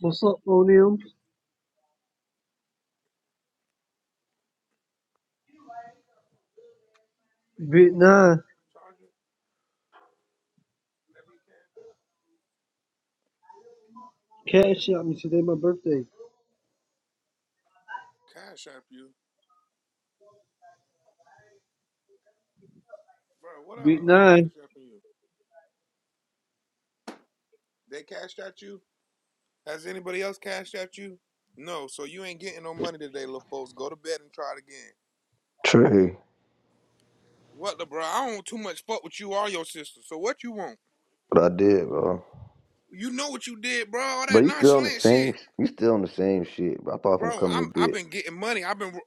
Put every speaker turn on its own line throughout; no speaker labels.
What's up, Onium? Bit nine. Cash out me today, my birthday. Bit nine.
True. But I did, bro. But you still on the same you still on the same shit, bro. I thought I was gonna come in a bit.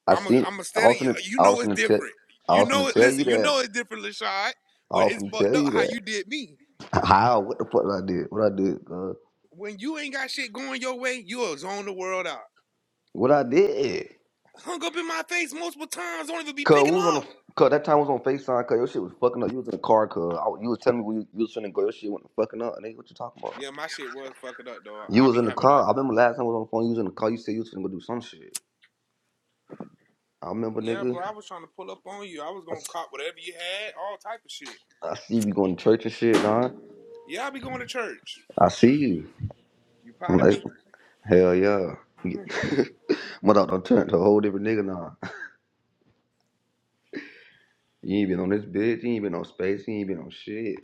I seen I was gonna I was gonna tell I was gonna tell you that. I was gonna tell you that. How? What the fuck I did? What I did, cuz? What I did. Cuz we was on the cuz that time we was on FaceTime, cuz your shit was fucking up. You was in the car, cuz I- you was telling me when you, you was finna go, your shit wasn't fucking up. Nigga, what you talking about? You was in the car. I remember last time I was on the phone, you was in the car, you said you was finna go do some shit. I remember nigga. I, s- I see we going to church and shit, nah. I see you. I'm like, hell yeah. My dog done turned to a whole different nigga now. You ain't been on this bitch. You ain't been on space. You ain't been on shit.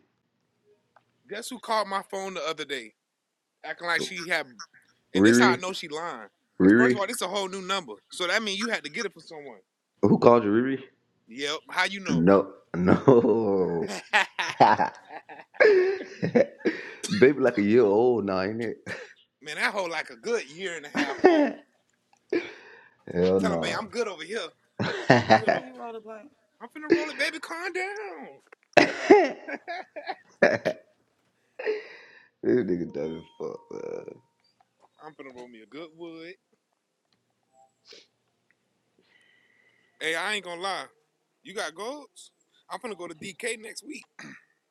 Riri, Riri, who called you Riri? No, no. Baby, like a year old now, ain't it? hell no. this nigga dumb as fuck. man.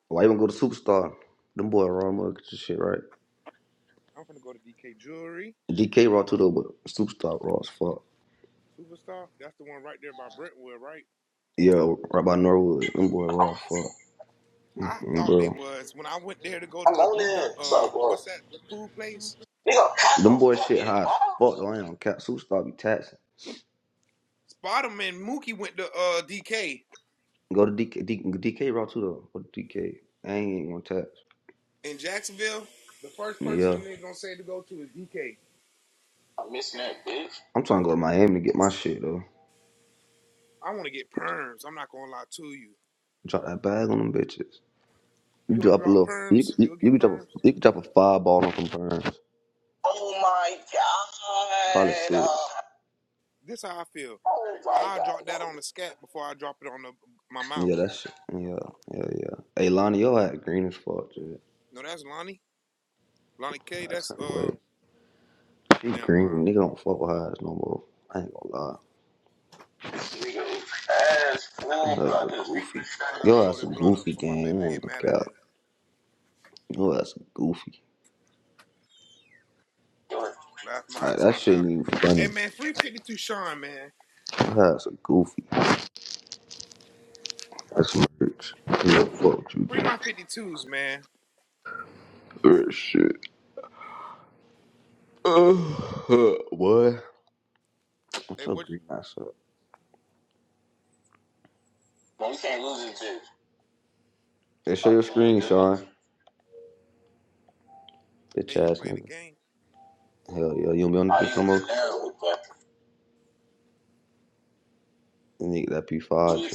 Why even go to Superstar? Them boy raw mug shit, right? DK raw too though, but Superstar raw as fuck. Yeah, right by Norwood. Them boy raw as fuck. Mm, Bro. I'm on it. What's up, bro? Nigga, cops Them don't boy shit fucking high as fuck ball. though. I ain't on cap. Super stop be taxing. Go to DK, DK raw too though. Go to DK. I ain't gonna tax. Yeah. I'm missing that bitch. I'm trying to go to Miami to get my shit though. Drop that bag on them bitches. You drop a little. You you, you can drop a you can drop a five ball on some burns. Oh my Probably god. Probably six. Uh, oh my god. Yeah, that's yeah, yeah, yeah. Hey, Lonnie, your hat green as fuck, dude. That's not what it. She green, nigga don't fuck with highs no more. I ain't gonna lie. Nigga, ass fool, Your ass a brother. goofy. Your ass a goofy gang. I ain't gonna cap. Your ass a goofy. Like that shit ain't even funny. Your ass a goofy. That's some rich. You don't fuck with you, dude. Real shit. Uh, huh, boy. What's your green ass up? No, can't lose it, dude. Hey, show your screen, Sean. Bitch ass nigga. Hell yeah, you don't be on the bitch no more. Nigga, that P5.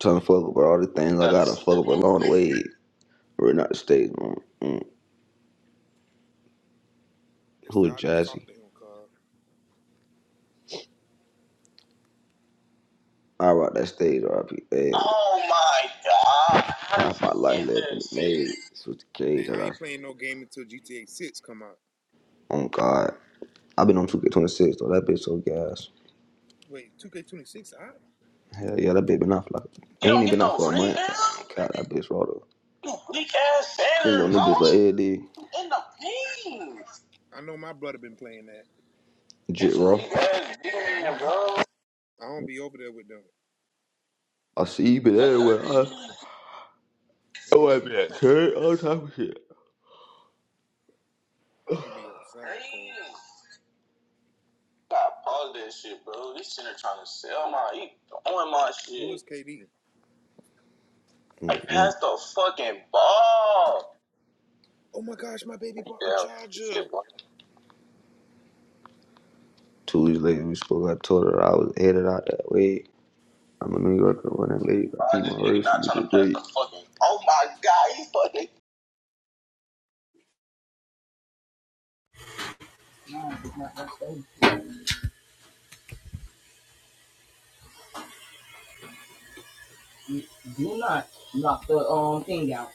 Trying to fuck up with all the things I gotta fuck up along the way. We're not the stage, man. Mm. Who is Jazzy? I rock that stage, RP. Hey. Oh my god. Half my life left in the maze. Switch the cage. I lost it. Oh, God. I've been on 2K26, though. That bitch so gas. Hell yeah, that bitch been out for like ain't even been out no for a month. God, that bitch rolled up. you weak ass Ain't Sanders, gonna niggas bro. like Eddie, In the pins. Jit Raw. weak bro. I see you been everywhere. I oh I been at church, all type of shit. Crazy. Gotta pause that shit, bro. This shit are trying to sell my, he throwing my shit. I Mm-mm. pass the fucking ball. Yeah, shit, bro. Two weeks later, we spoke. I told her I was headed out that way. I'm a New Yorker when I leave. I keep my race Oh my god, he fucking
do not knock the um thing out.